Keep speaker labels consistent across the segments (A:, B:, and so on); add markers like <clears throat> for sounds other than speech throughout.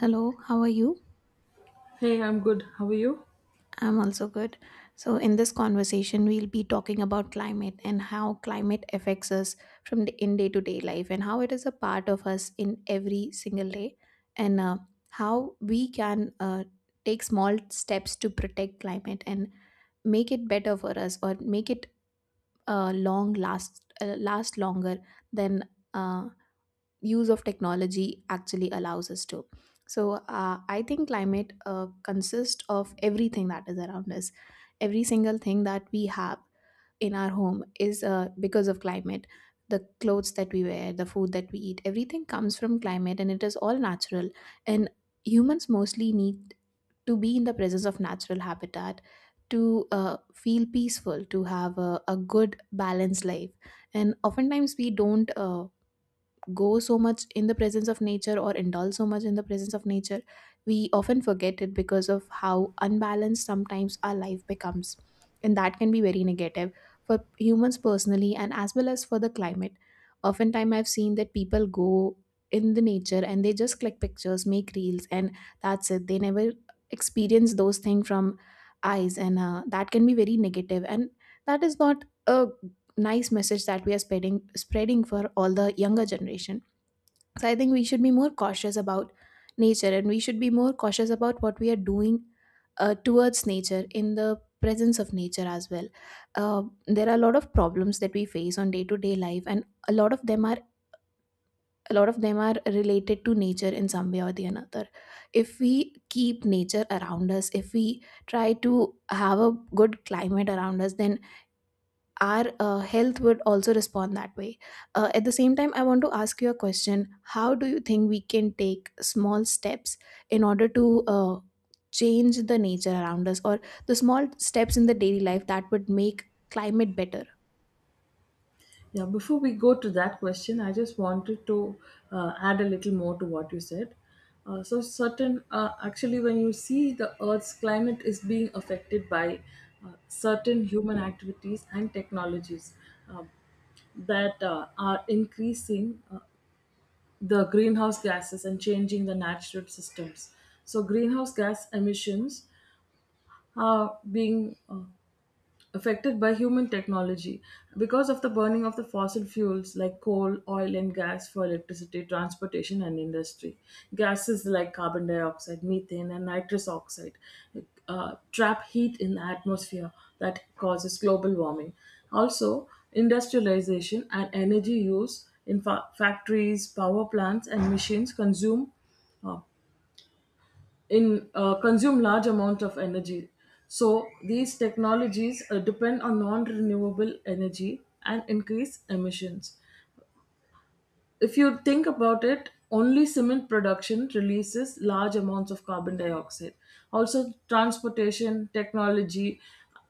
A: Hello, how are you?
B: Hey, I'm good. How are you?
A: I'm also good. So, in this conversation, we'll be talking about climate and how climate affects us from the in day to day life and how it is a part of us in every single day and how we can take small steps to protect climate and make it better for us or make it long last last longer than uh, use of technology actually allows us to. So I think climate consists of everything that is around us. Every single thing that we have in our home is because of climate. The clothes that we wear, the food that we eat, everything comes from climate and it is all natural. And humans mostly need to be in the presence of natural habitat to feel peaceful, to have a good, balanced life. And oftentimes we don't go so much in the presence of nature or indulge so much in the presence of nature, we often forget it because of how unbalanced sometimes our life becomes. And that can be very negative for humans personally and as well as for the climate. Oftentimes, I've seen that people go in the nature and they just click pictures, make reels, and that's it. They never experience those things from eyes, and that can be very negative. And that is not a nice message that we are spreading for all the younger generation. So I think we should be more cautious about nature and we should be more cautious about what we are doing towards nature, in the presence of nature as well. There are a lot of problems that we face on day to day life, and a lot of them are a lot of them are related to nature in some way or the another. If we keep nature around us, if we try to have a good climate around us, then our health would also respond that way. At the same time, I want to ask you a question. How do you think we can take small steps in order to change the nature around us, or the small steps in the daily life that would make climate better?
B: Yeah, before we go to that question, I just wanted to add a little more to what you said. So, certain actually, when you see the Earth's climate is being affected by certain human activities and technologies uh, that are increasing the greenhouse gases and changing the natural systems. So, greenhouse gas emissions are being affected by human technology because of the burning of the fossil fuels like coal, oil, and gas for electricity, transportation, and industry. Gases like carbon dioxide, methane, and nitrous oxide trap heat in the atmosphere that causes global warming. Also, industrialization and energy use in factories, power plants, and machines consume uh, in consume large amount of energy, so these technologies depend on non renewable energy and increase emissions. If you think about it, only cement production releases large amounts of carbon dioxide. Also, transportation, technology,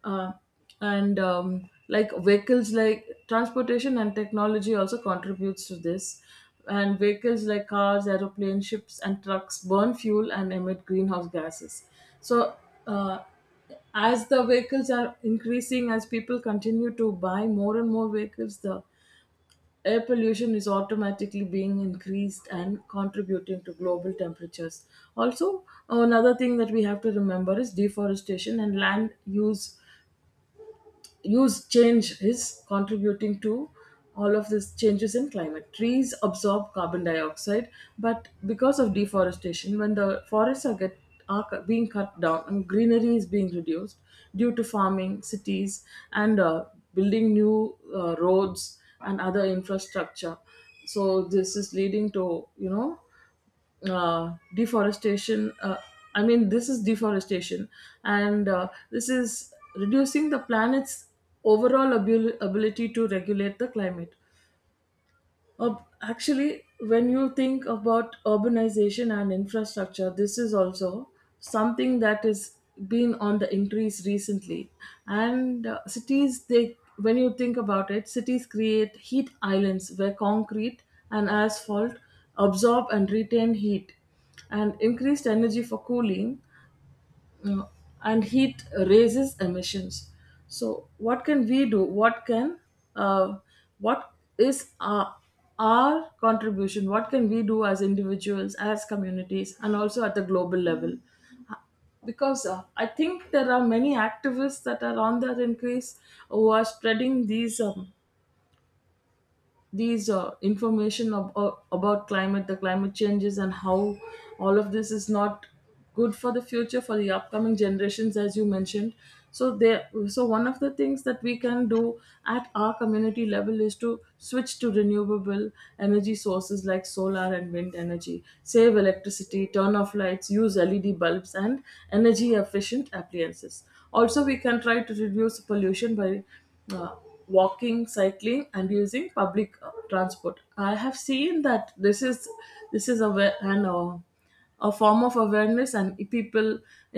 B: uh, and like vehicles, like transportation and technology, also contributes to this. And vehicles like cars, aeroplanes, ships, and trucks burn fuel and emit greenhouse gases. So, uh, as the vehicles are increasing, as people continue to buy more and more vehicles, the air pollution is automatically being increased and contributing to global temperatures. Also, another thing that we have to remember is deforestation and land use change is contributing to all of these changes in climate. Trees absorb carbon dioxide, but because of deforestation, when the forests are get are cu- being cut down and greenery is being reduced due to farming, cities, and building new roads and other infrastructure. So this is leading to, deforestation. I mean, this is deforestation, and this is reducing the planet's overall ability to regulate the climate. Actually, when you think about urbanization and infrastructure, this is also something that has been on the increase recently. And cities, they when you think about it, cities create heat islands where concrete and asphalt absorb and retain heat and increased energy for cooling uh, and heat raises emissions. So what can we do? Uh, what is our contribution? What can we do as individuals, as communities, and also at the global level? Because I think there are many activists that are on that increase who are spreading these information, about climate the climate changes, and how all of this is not good for the future, for the upcoming generations, as you mentioned. So there so one of the things that we can do at our community level is to switch to renewable energy sources like solar and wind energy. Save electricity, turn off lights, use LED bulbs, and energy efficient appliances. Also, we can try to reduce pollution by uh, walking, cycling, and using public transport. I have seen that this is a wa- an a form of awareness, and people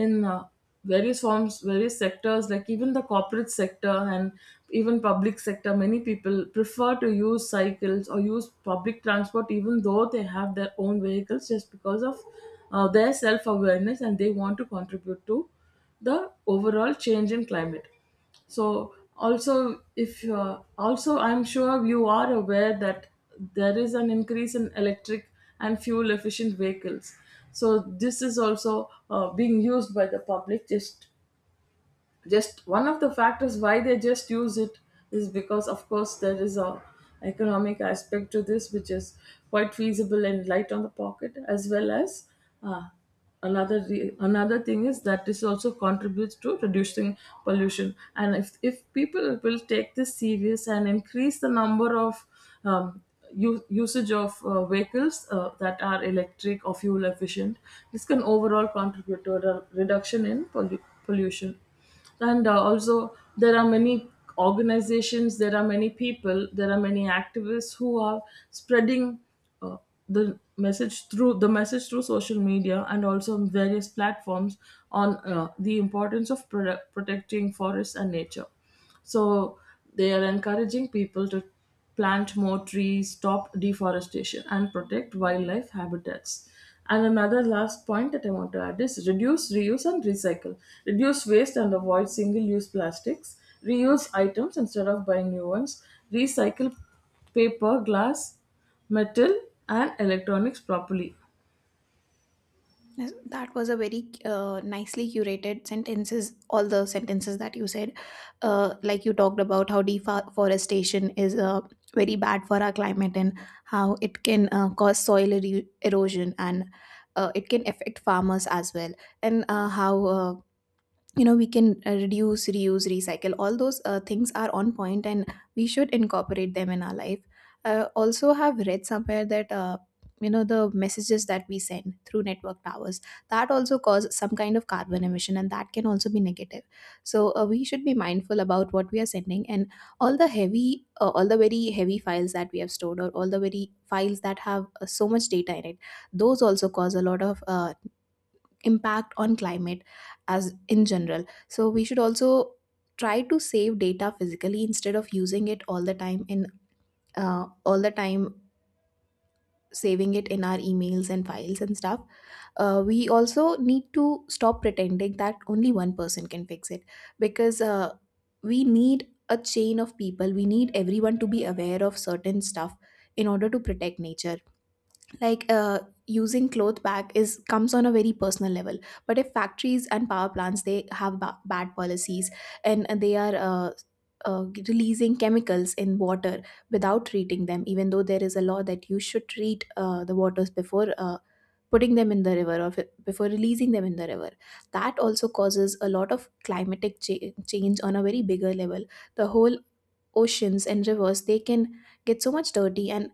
B: in various forms, various sectors, like even the corporate sector and even public sector. Many people prefer to use cycles or use public transport even though they have their own vehicles, just because of their self awareness, and they want to contribute to the overall change in climate. So also, if also I'm sure you are aware that there is an increase in electric and fuel efficient vehicles. So this is also being used by the public, just one of the factors why they just use it is because, of course, there is a economic aspect to this, which is quite feasible and light on the pocket, as well as, uh, another thing is that this also contributes to reducing pollution. And if people will take this serious and increase the number of um, usage of vehicles that are electric or fuel efficient, this can overall contribute to a reduction in pollution. And also, there are many organizations, there are many people, there are many activists who are spreading uh, the message through social media and also on various platforms, on the importance of protecting forests and nature. So they are encouraging people to plant more trees, stop deforestation, and protect wildlife habitats. And another last point that I want to add is reduce, reuse, and recycle. Reduce waste and avoid single use plastics. Reuse items instead of buying new ones. Recycle paper, glass, metal, and electronics properly.
A: Yes, that was a very nicely curated sentences. All the sentences that you said, like you talked about how deforestation is very bad for our climate, and how it can cause erosion, and it can affect farmers as well, and how you know we can reduce, reuse, recycle. All those things are on point and we should incorporate them in our life. Also have read somewhere that you know the messages that we send through network towers, that also cause some kind of carbon emission and that can also be negative. So we should be mindful about what we are sending, and all the heavy all the very heavy files that we have stored, or all the very files that have so much data in it, those also cause a lot of impact on climate as in general. So we should also try to save data physically instead of using it all the time, saving it in our emails and files and stuff. We also need to stop pretending that only one person can fix it, because we need a chain of people, we need everyone to be aware of certain stuff in order to protect nature. Like, using cloth bag is comes on a very personal level, but if factories and power plants, they have bad policies, and they are releasing chemicals in water without treating them, even though there is a law that you should treat the waters before putting them in the river, or before releasing them in the river. That also causes a lot of change on a very bigger level. The whole oceans and rivers, they can get so much dirty, and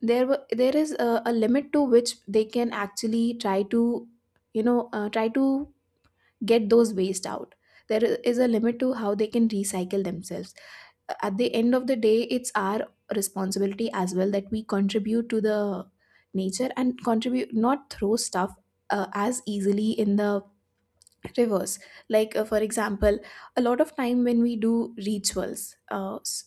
A: there is a limit to which they can actually try to, you know, try to get those waste out. There is a limit to how they can recycle themselves. At the end of the day, it's our responsibility as well that we contribute to the nature, and contribute, not throw stuff as easily in the reverse. Like, for example, a lot of time when we do rituals, uh, s-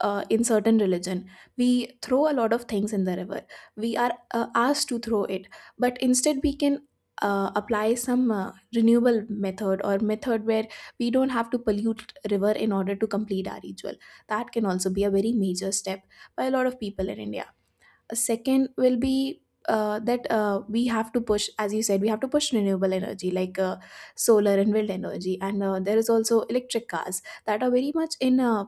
A: uh, in certain religion, we throw a lot of things in the river. We are asked to throw it, but instead we can apply some renewable method, or method where we don't have to pollute river in order to complete our ritual. That can also be a very major step by a lot of people in India. A second will be that we have to push, as you said, we have to push renewable energy like solar and wind energy, and there is also electric cars that are very much in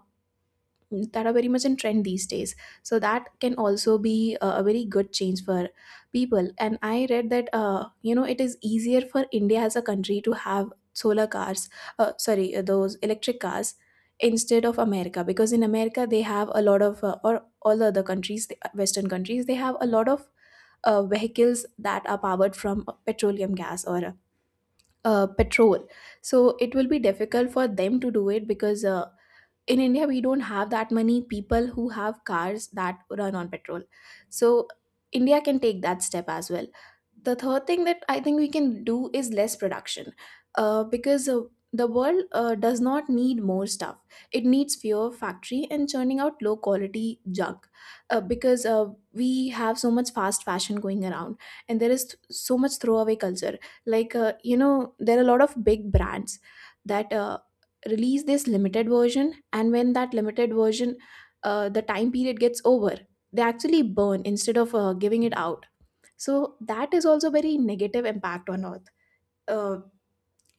A: that are very much in trend these days. So that can also be a very good change for people. And I read that you know, it is easier for India as a country to have solar cars, sorry those electric cars, instead of America. Because in America, they have a lot of or all the other countries, the western countries, they have a lot of vehicles that are powered from petroleum gas, or petrol. So it will be difficult for them to do it, because in India, we don't have that many people who have cars that run on petrol. So, India can take that step as well. The third thing that I think we can do is less production, because the world does not need more stuff. It needs fewer factory and churning out low quality junk, because we have so much fast fashion going around, and there is so much throwaway culture. Like, you know, there are a lot of big brands that release this limited version, and when that limited version the time period gets over, they actually burn instead of giving it out. So that is also very negative impact on earth uh,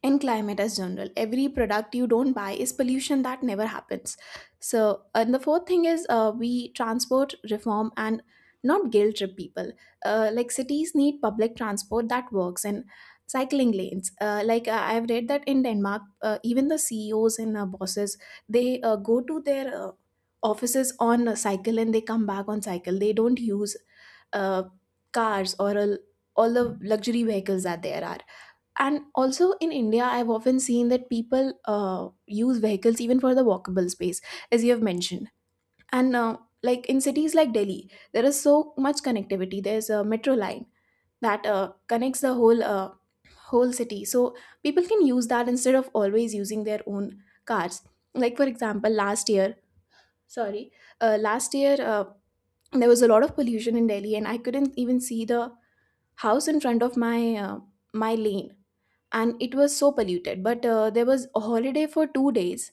A: in climate as general. Every product you don't buy is pollution that never happens. So, and the fourth thing is we transport reform and not guilt trip people. Like cities need public transport that works and cycling lanes. I've read that in Denmark, even the CEOs and bosses, they go to their offices on a cycle and they come back on cycle. They don't use uh, cars or all the luxury vehicles that there are. And also in India, I've often seen that people use vehicles even for the walkable space, as you have mentioned. And like in cities like Delhi, there is so much connectivity. There's a metro line that connects the whole whole city. So people can use that instead of always using their own cars. Like for example, last year, sorry, last year, there was a lot of pollution in Delhi and I couldn't even see the house in front of my uh, my lane, and it was so polluted. But there was a holiday for 2 days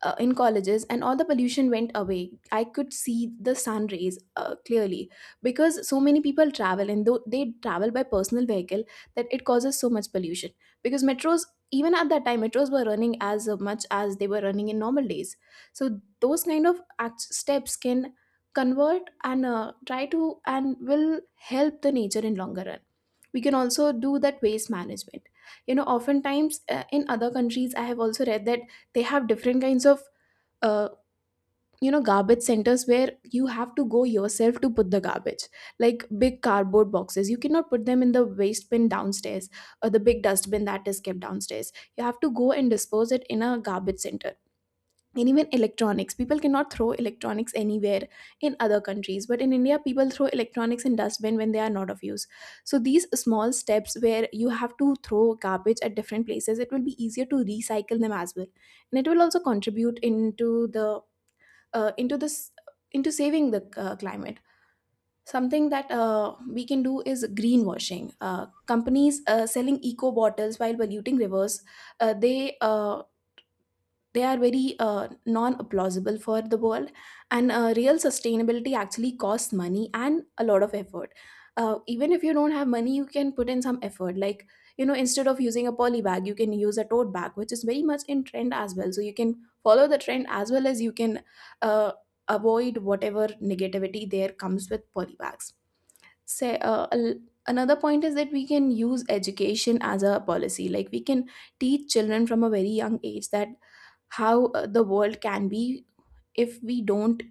A: in colleges, and all the pollution went away. I could see the sun rays clearly because so many people travel, and though they travel by personal vehicle, that it causes so much pollution. Because metros, even at that time, metros were running as much as they were running in normal days. So those kind of steps can convert and try to and will help the nature in longer run. We can also do that waste management. You know, oftentimes in other countries I have also read that they have different kinds of uh, garbage centers where you have to go yourself to put the garbage. Like, big cardboard boxes, you cannot put them in the waste bin downstairs, or the big dustbin that is kept downstairs. You have to go and dispose it in a garbage center. And even electronics, people cannot throw electronics anywhere in other countries, but in India, people throw electronics in dustbin when they are not of use. So these small steps, where you have to throw garbage at different places, it will be easier to recycle them as well, and it will also contribute into the uh, into this into saving the climate. Something that we can do is greenwashing, companies selling eco bottles while polluting rivers. uh, they uh, they are very non-plausible for the world, and real sustainability actually costs money and a lot of effort. Even if you don't have money, you can put in some effort, like, instead of using a poly bag, you can use a tote bag, which is very much in trend as well, so you can follow the trend as well as you can uh, avoid whatever negativity there comes with poly bags. say uh, al- Another point is that we can use education as a policy. Like, we can teach children from a very young age that how the world can be if we don't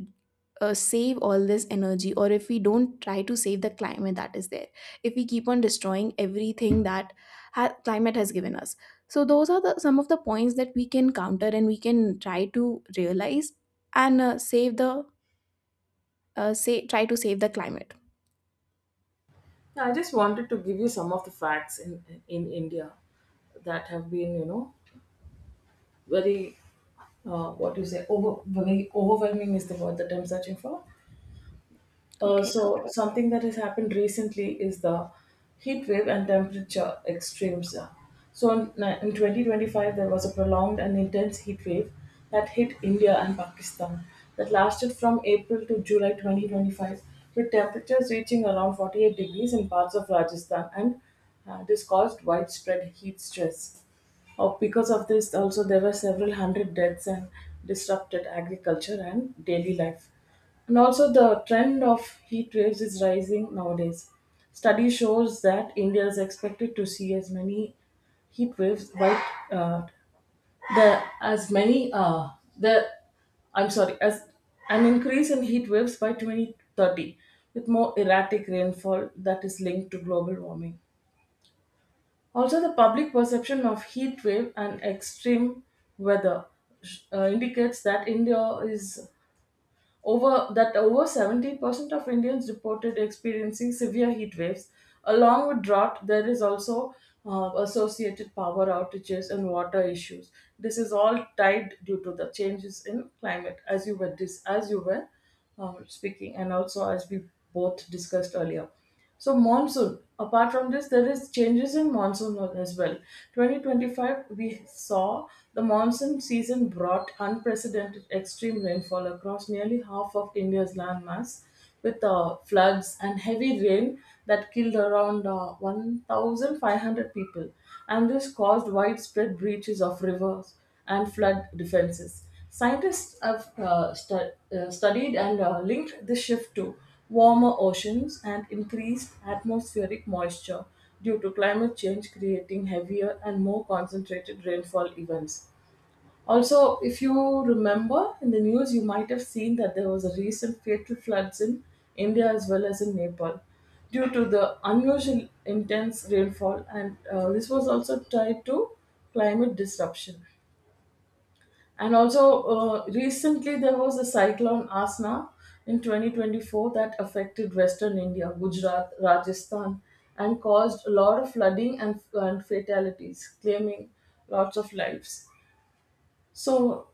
A: save all this energy, or if we don't try to save the climate that is there, if we keep on destroying everything that climate has given us. So those are the some of the points that we can counter, and we can try to realize and save the say try to save the climate.
B: I just wanted to give you some of the facts in India that have been, very, what do you say, over very overwhelming is the word that I'm searching for.
A: Okay.
B: So something that has happened recently is the heat wave and temperature extremes. So in 2025 there was a prolonged and intense heat wave that hit India and Pakistan, that lasted from April to July 2025, with temperatures reaching around 48 degrees in parts of Rajasthan. And this caused widespread heat stress. Oh, because of this, also there were several hundred deaths and disrupted agriculture and daily life. And also, the trend of heat waves is rising nowadays. Study shows that India is expected to see as many heat waves, white, uh, the as many the I'm sorry, as an increase in heat waves by 2030, with more erratic rainfall that is linked to global warming. Also, the public perception of heat wave and extreme weather indicates that India is, over 70% of Indians reported experiencing severe heat waves. Along with drought, there is also associated power outages and water issues. This is all tied due to the changes in climate, as as you were speaking, and also as we both discussed earlier. So, monsoon. Apart from this, there is changes in monsoon as well. 2025, we saw the monsoon season brought unprecedented extreme rainfall across nearly half of India's landmass, with floods and heavy rain that killed around 1,500 people, and this caused widespread breaches of rivers and flood defenses. Scientists have studied and linked this shift to warmer oceans and increased atmospheric moisture due to climate change, creating heavier and more concentrated rainfall events. Also, if you remember in the news, you might have seen that there was a recent fatal floods in India as well as in Nepal due to the unusual intense rainfall, and this was also tied to climate disruption. And also, recently there was a cyclone Asna in 2024 that affected Western India, Gujarat, Rajasthan, and caused a lot of flooding and fatalities, claiming lots of lives. So,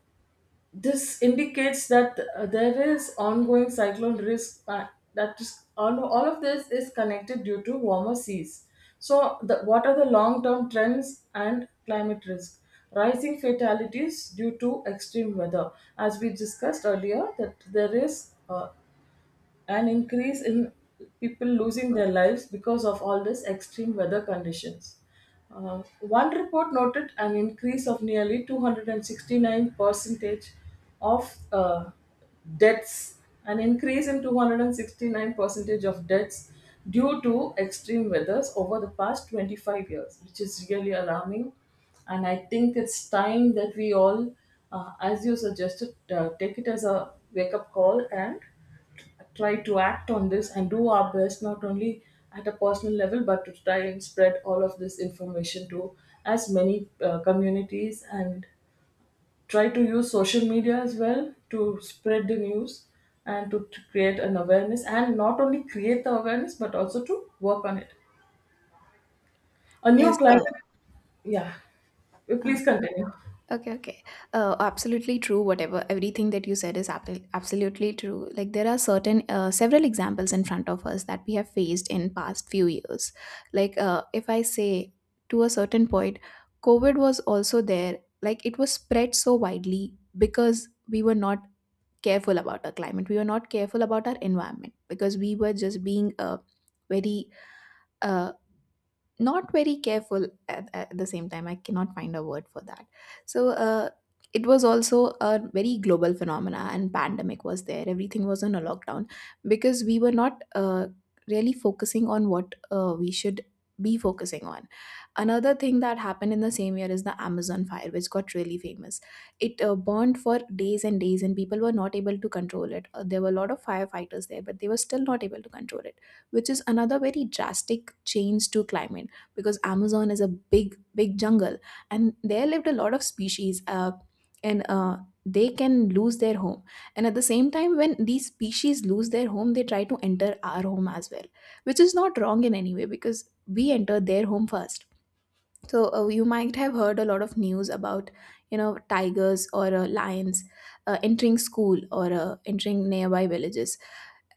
B: this indicates that there is ongoing cyclone risk, that is, all of this is connected due to warmer seas. So what are the long term trends and climate risk? Rising fatalities due to extreme weather, as we discussed earlier, that there is an increase in people losing their lives because of all these extreme weather conditions. One report noted an increase of nearly 269 percentage of deaths, an increase in 269 percentage of deaths due to extreme weathers over the past 25 years, which is really alarming. And I think it's time that we all, as you suggested, take it as a wake up call and try to act on this and do our best, not only at a personal level but to try and spread all of this information to as many communities, and try to use social media as well to spread the news, and to create an awareness, and not only create the awareness but also to work on it. A new
A: Yes.
B: climate. Yeah.
A: Uh,
B: Please continue.
A: Okay, okay. Absolutely true. Whatever, everything that you said is absolutely true. Like, there are several examples in front of us that we have faced in past few years. Like, if I say, to a certain point, COVID was also there. Like, it was spread so widely because we were not careful about our climate. We were not careful about our environment because we were just being very, uh, not very careful, at the same time I cannot find a word for that. So it was also a very global phenomena, and pandemic was there, everything was on a lockdown because we were not really focusing on what we should be focusing on. Another thing that happened in the same year is the Amazon fire, which got really famous. It burned for days and days, and people were not able to control it. There were a lot of firefighters there, but they were still not able to control it, which is another very drastic change to climate, because Amazon is a big big jungle, and there lived a lot of species. And They can lose their home, and at the same time, when these species lose their home, they try to enter our home as well, which is not wrong in any way, because we enter their home first. So you might have heard a lot of news about, tigers or lions entering school, or entering nearby villages,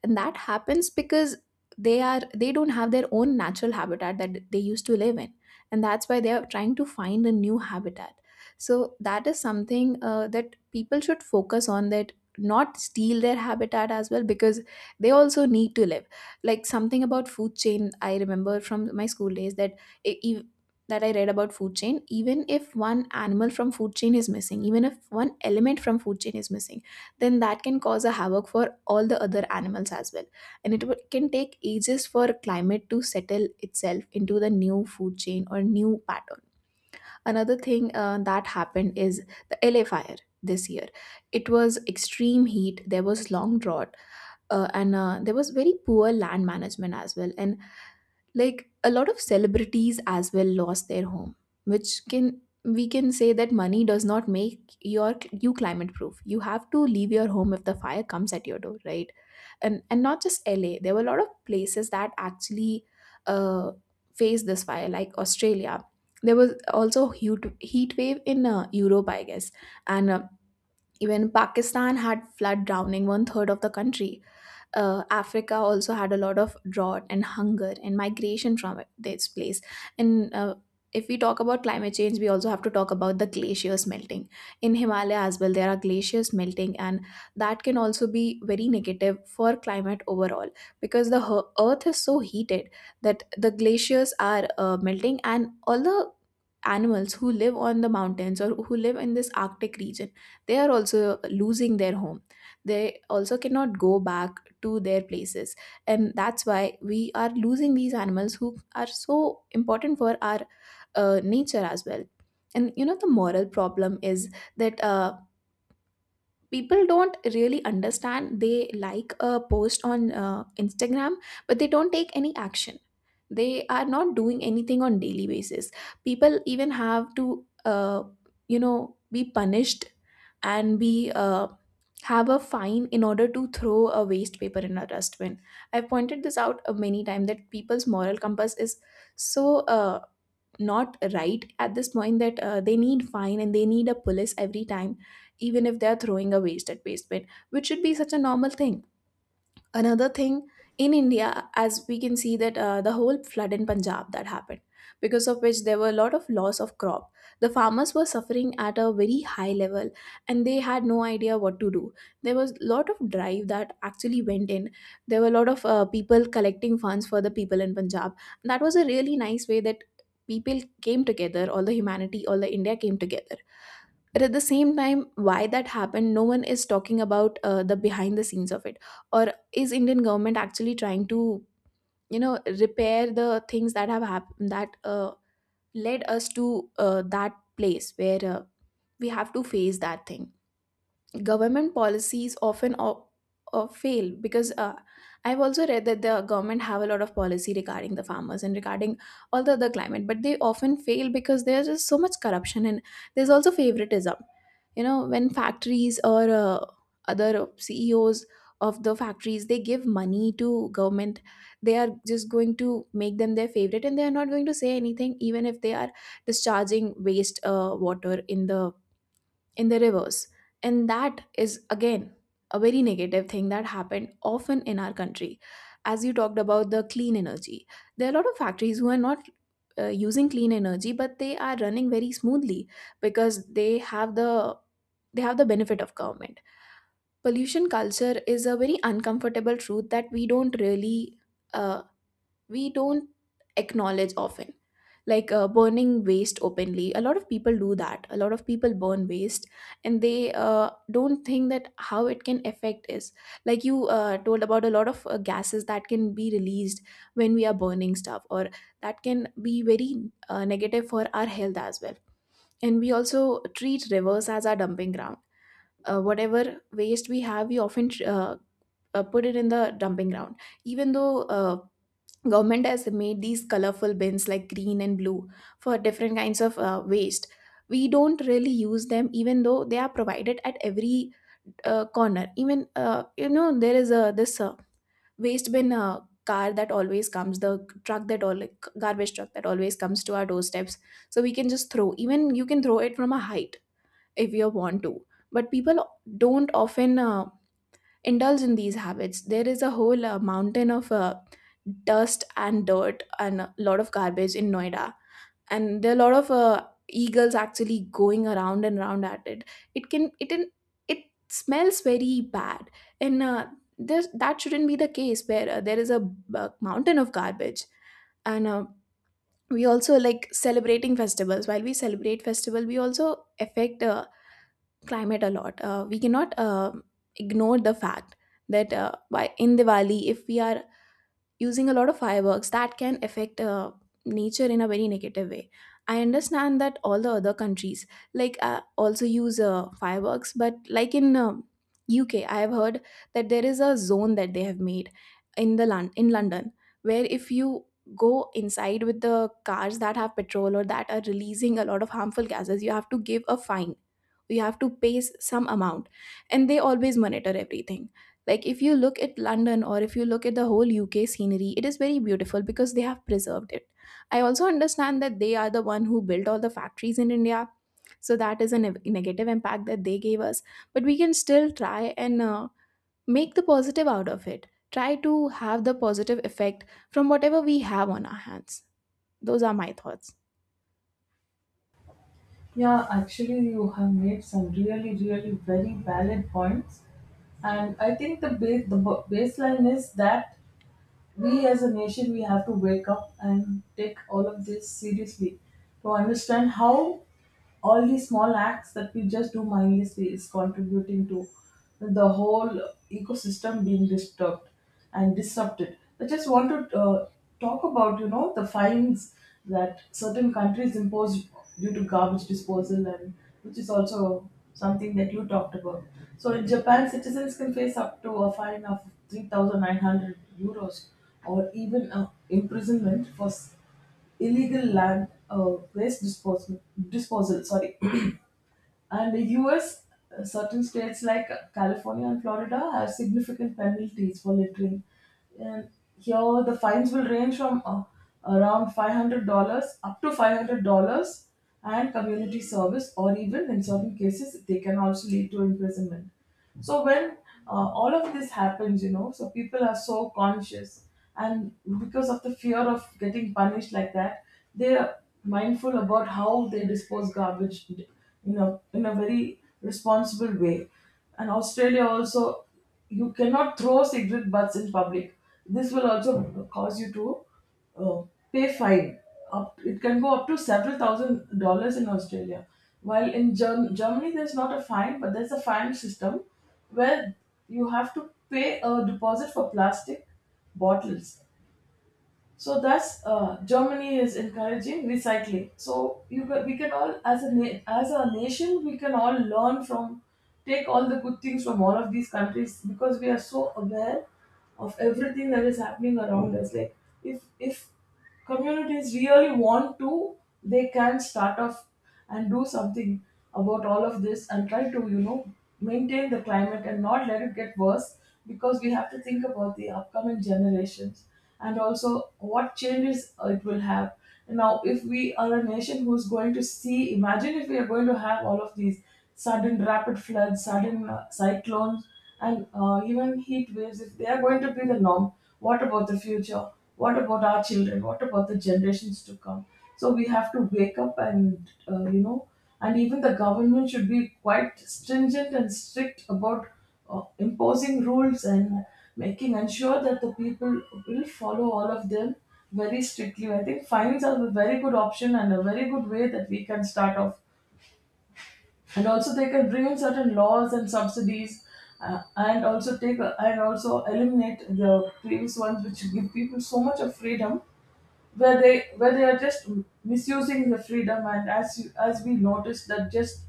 A: and that happens because they don't have their own natural habitat that they used to live in, and that's why they are trying to find a new habitat. So that is something that people should focus on, that not steal their habitat as well, because they also need to live. Like, something about food chain I remember from my school days, that e- e- that I read about food chain, even if one animal from food chain is missing, even if one element from food chain is missing, then that can cause a havoc for all the other animals as well. And it can take ages for climate to settle itself into the new food chain or new pattern. Another thing that happened is the LA fire this year. It was extreme heat, there was long drought, and there was very poor land management as well. And, like, a lot of celebrities as well lost their home, which can we can say that money does not make your you climate proof. You have to leave your home if the fire comes at your door, right? And not just LA, there were a lot of places that actually uh faced this fire, like Australia. There was also huge heat wave in Europe, I guess. And even Pakistan had flood, drowning one third of the country. Africa also had a lot of drought and hunger and migration from this place. And if we talk about climate change, we also have to talk about the glaciers melting. In Himalaya as well, there are glaciers melting, and that can also be very negative for climate overall, because the earth is so heated that the glaciers are melting, and all the animals who live on the mountains, or who live in this Arctic region, they are also losing their home, they also cannot go back to their places, and that's why we are losing these animals who are so important for our nature as well. And, the moral problem is that people don't really understand. They like a post on Instagram, but they don't take any action. They are not doing anything on daily basis. People even have to be punished, and be have a fine in order to throw a waste paper in a dustbin. I've pointed this out many times, that people's moral compass is so not right at this point, that they need fine, and they need a police every time, even if they're throwing a waste at waste bin, which should be such a normal thing. Another thing, in India, as we can see that the whole flood in Punjab that happened, because of which there were a lot of loss of crop. The farmers were suffering at a very high level, and they had no idea what to do. There was a lot of drive that actually went in, there were a lot of people collecting funds for the people in Punjab. That was a really nice way, that people came together, all the humanity, all the India came together. But at the same time, why that happened, no one is talking about the behind the scenes of it. Or, is Indian government actually trying to repair the things that have happened, that led us to that place where we have to face that thing. Government policies often fail, because I've also read that the government have a lot of policy regarding the farmers and regarding all the other climate, but they often fail because there's just so much corruption, and there's also favoritism. You know, when factories or other CEOs of the factories, they give money to government, they are just going to make them their favorite, and they are not going to say anything, even if they are discharging waste water in the rivers. And that is, again, a very negative thing that happened often in our country. As you talked about the clean energy, there are a lot of factories who are not using clean energy, but they are running very smoothly because they have the benefit of government. Pollution culture is a very uncomfortable truth that we don't really uh, we don't acknowledge often. Like, burning waste openly, a lot of people do that, a lot of people burn waste, and they don't think that how it can affect is. Like, you told about a lot of gases that can be released when we are burning stuff, or that can be very negative for our health as well. And we also treat rivers as our dumping ground. Whatever waste we have, we often put it in the dumping ground. Even though government has made these colorful bins, like green and blue, for different kinds of waste, we don't really use them, even though they are provided at every corner. Even, there is a this waste bin, car that always comes, the truck, that all, like, garbage truck that always comes to our doorsteps, so we can just throw, even you can throw it from a height if you want to, but people don't often indulge in these habits. There is a whole mountain of dust and dirt and a lot of garbage in Noida. And there are a lot of eagles actually going around and around at it. It can, it, can- it smells very bad. And that shouldn't be the case where there is a, mountain of garbage. And we also, like, celebrating festivals, while we celebrate festival, we also affect the climate a lot. We cannot ignore the fact that by in Diwali, if we are using a lot of fireworks, that can affect nature in a very negative way. I understand that all the other countries, like, also use fireworks, but, like, in UK, I have heard that there is a zone that they have made in the in London, where if you go inside with the cars that have petrol, or that are releasing a lot of harmful gases, you have to give a fine. You have to pay some amount, and they always monitor everything. Like, if you look at London, or if you look at the whole UK scenery, it is very beautiful, because they have preserved it. I also understand that they are the one who built all the factories in India. So that is a negative impact that they gave us. But we can still try and make the positive out of it. Try to have the positive effect from whatever we have on our hands. Those are my thoughts.
B: Yeah, actually, you have made some really, really very valid points, and I think the base the ba- baseline is that we as a nation, we have to wake up and take all of this seriously to understand how all these small acts that we just do mindlessly is contributing to the whole ecosystem being disturbed and disrupted. I just want to talk about, the fines that certain countries impose due to garbage disposal, and which is also something that you talked about. So in Japan, citizens can face up to a fine of €3,900, or even imprisonment for illegal land waste disposal, sorry. <clears throat> And the US, certain states like California and Florida have significant penalties for littering. And here, the fines will range from around $500 up to $500, and community service, or even in certain cases, they can also lead to imprisonment. So when all of this happens, so people are so conscious, and because of the fear of getting punished like that, they are mindful about how they dispose garbage, in a very responsible way. And Australia also, you cannot throw cigarette butts in public. This will also cause you to, oh, pay fine. It can go up to several thousand dollars in Australia. While in Germany, there's not a fine, but there's a fine system where you have to pay a deposit for plastic bottles. So thus, Germany is encouraging recycling. So we can all, as a as a nation, we can all take all the good things from all of these countries because we are so aware of everything that is happening around us. Like if communities really want to, they can start off and do something about all of this and try to, maintain the climate and not let it get worse, because we have to think about the upcoming generations and also what changes it will have. Now, if we are a nation who's going to see, imagine if we are going to have all of these sudden rapid floods, sudden cyclones, and even heat waves, if they are going to be the norm, what about the future? What about our children? What about the generations to come? So we have to wake up, and even the government should be quite stringent and strict about imposing rules and making ensure that the people will follow all of them very strictly. I think fines are a very good option and a very good way that we can start off. And also, they can bring in certain laws and subsidies, and also eliminate the previous ones, which give people so much of freedom where they are just misusing the freedom. And as we noticed, that just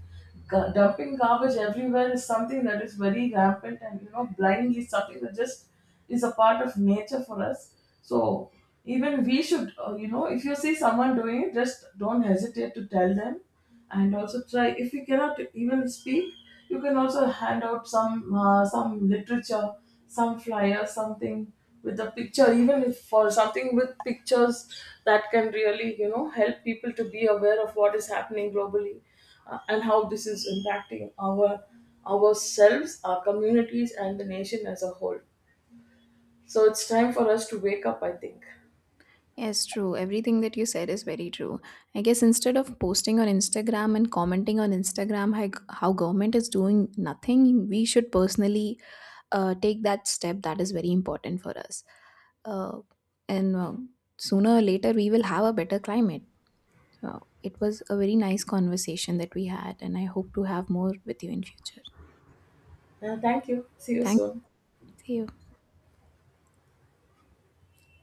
B: dumping garbage everywhere is something that is very rampant, and, blindly, is something that just is a part of nature for us. So even we should, if you see someone doing it, just don't hesitate to tell them. And also try, if you cannot even speak, you can also hand out some literature, some flyer, something with a picture, even if for something with pictures, that can really, help people to be aware of what is happening globally, and how this is impacting ourselves, our communities, and the nation as a whole. So it's time for us to wake up, I think.
A: Yes, true. Everything that you said is very true. I guess instead of posting on Instagram and commenting on Instagram how government is doing nothing, we should personally take that step. That is very important for us. Uh, and sooner or later, we will have a better climate. So it was a very nice conversation that we had, and I hope to have more with you in future.
B: Thank you. See you
A: Thank
B: soon.
A: you.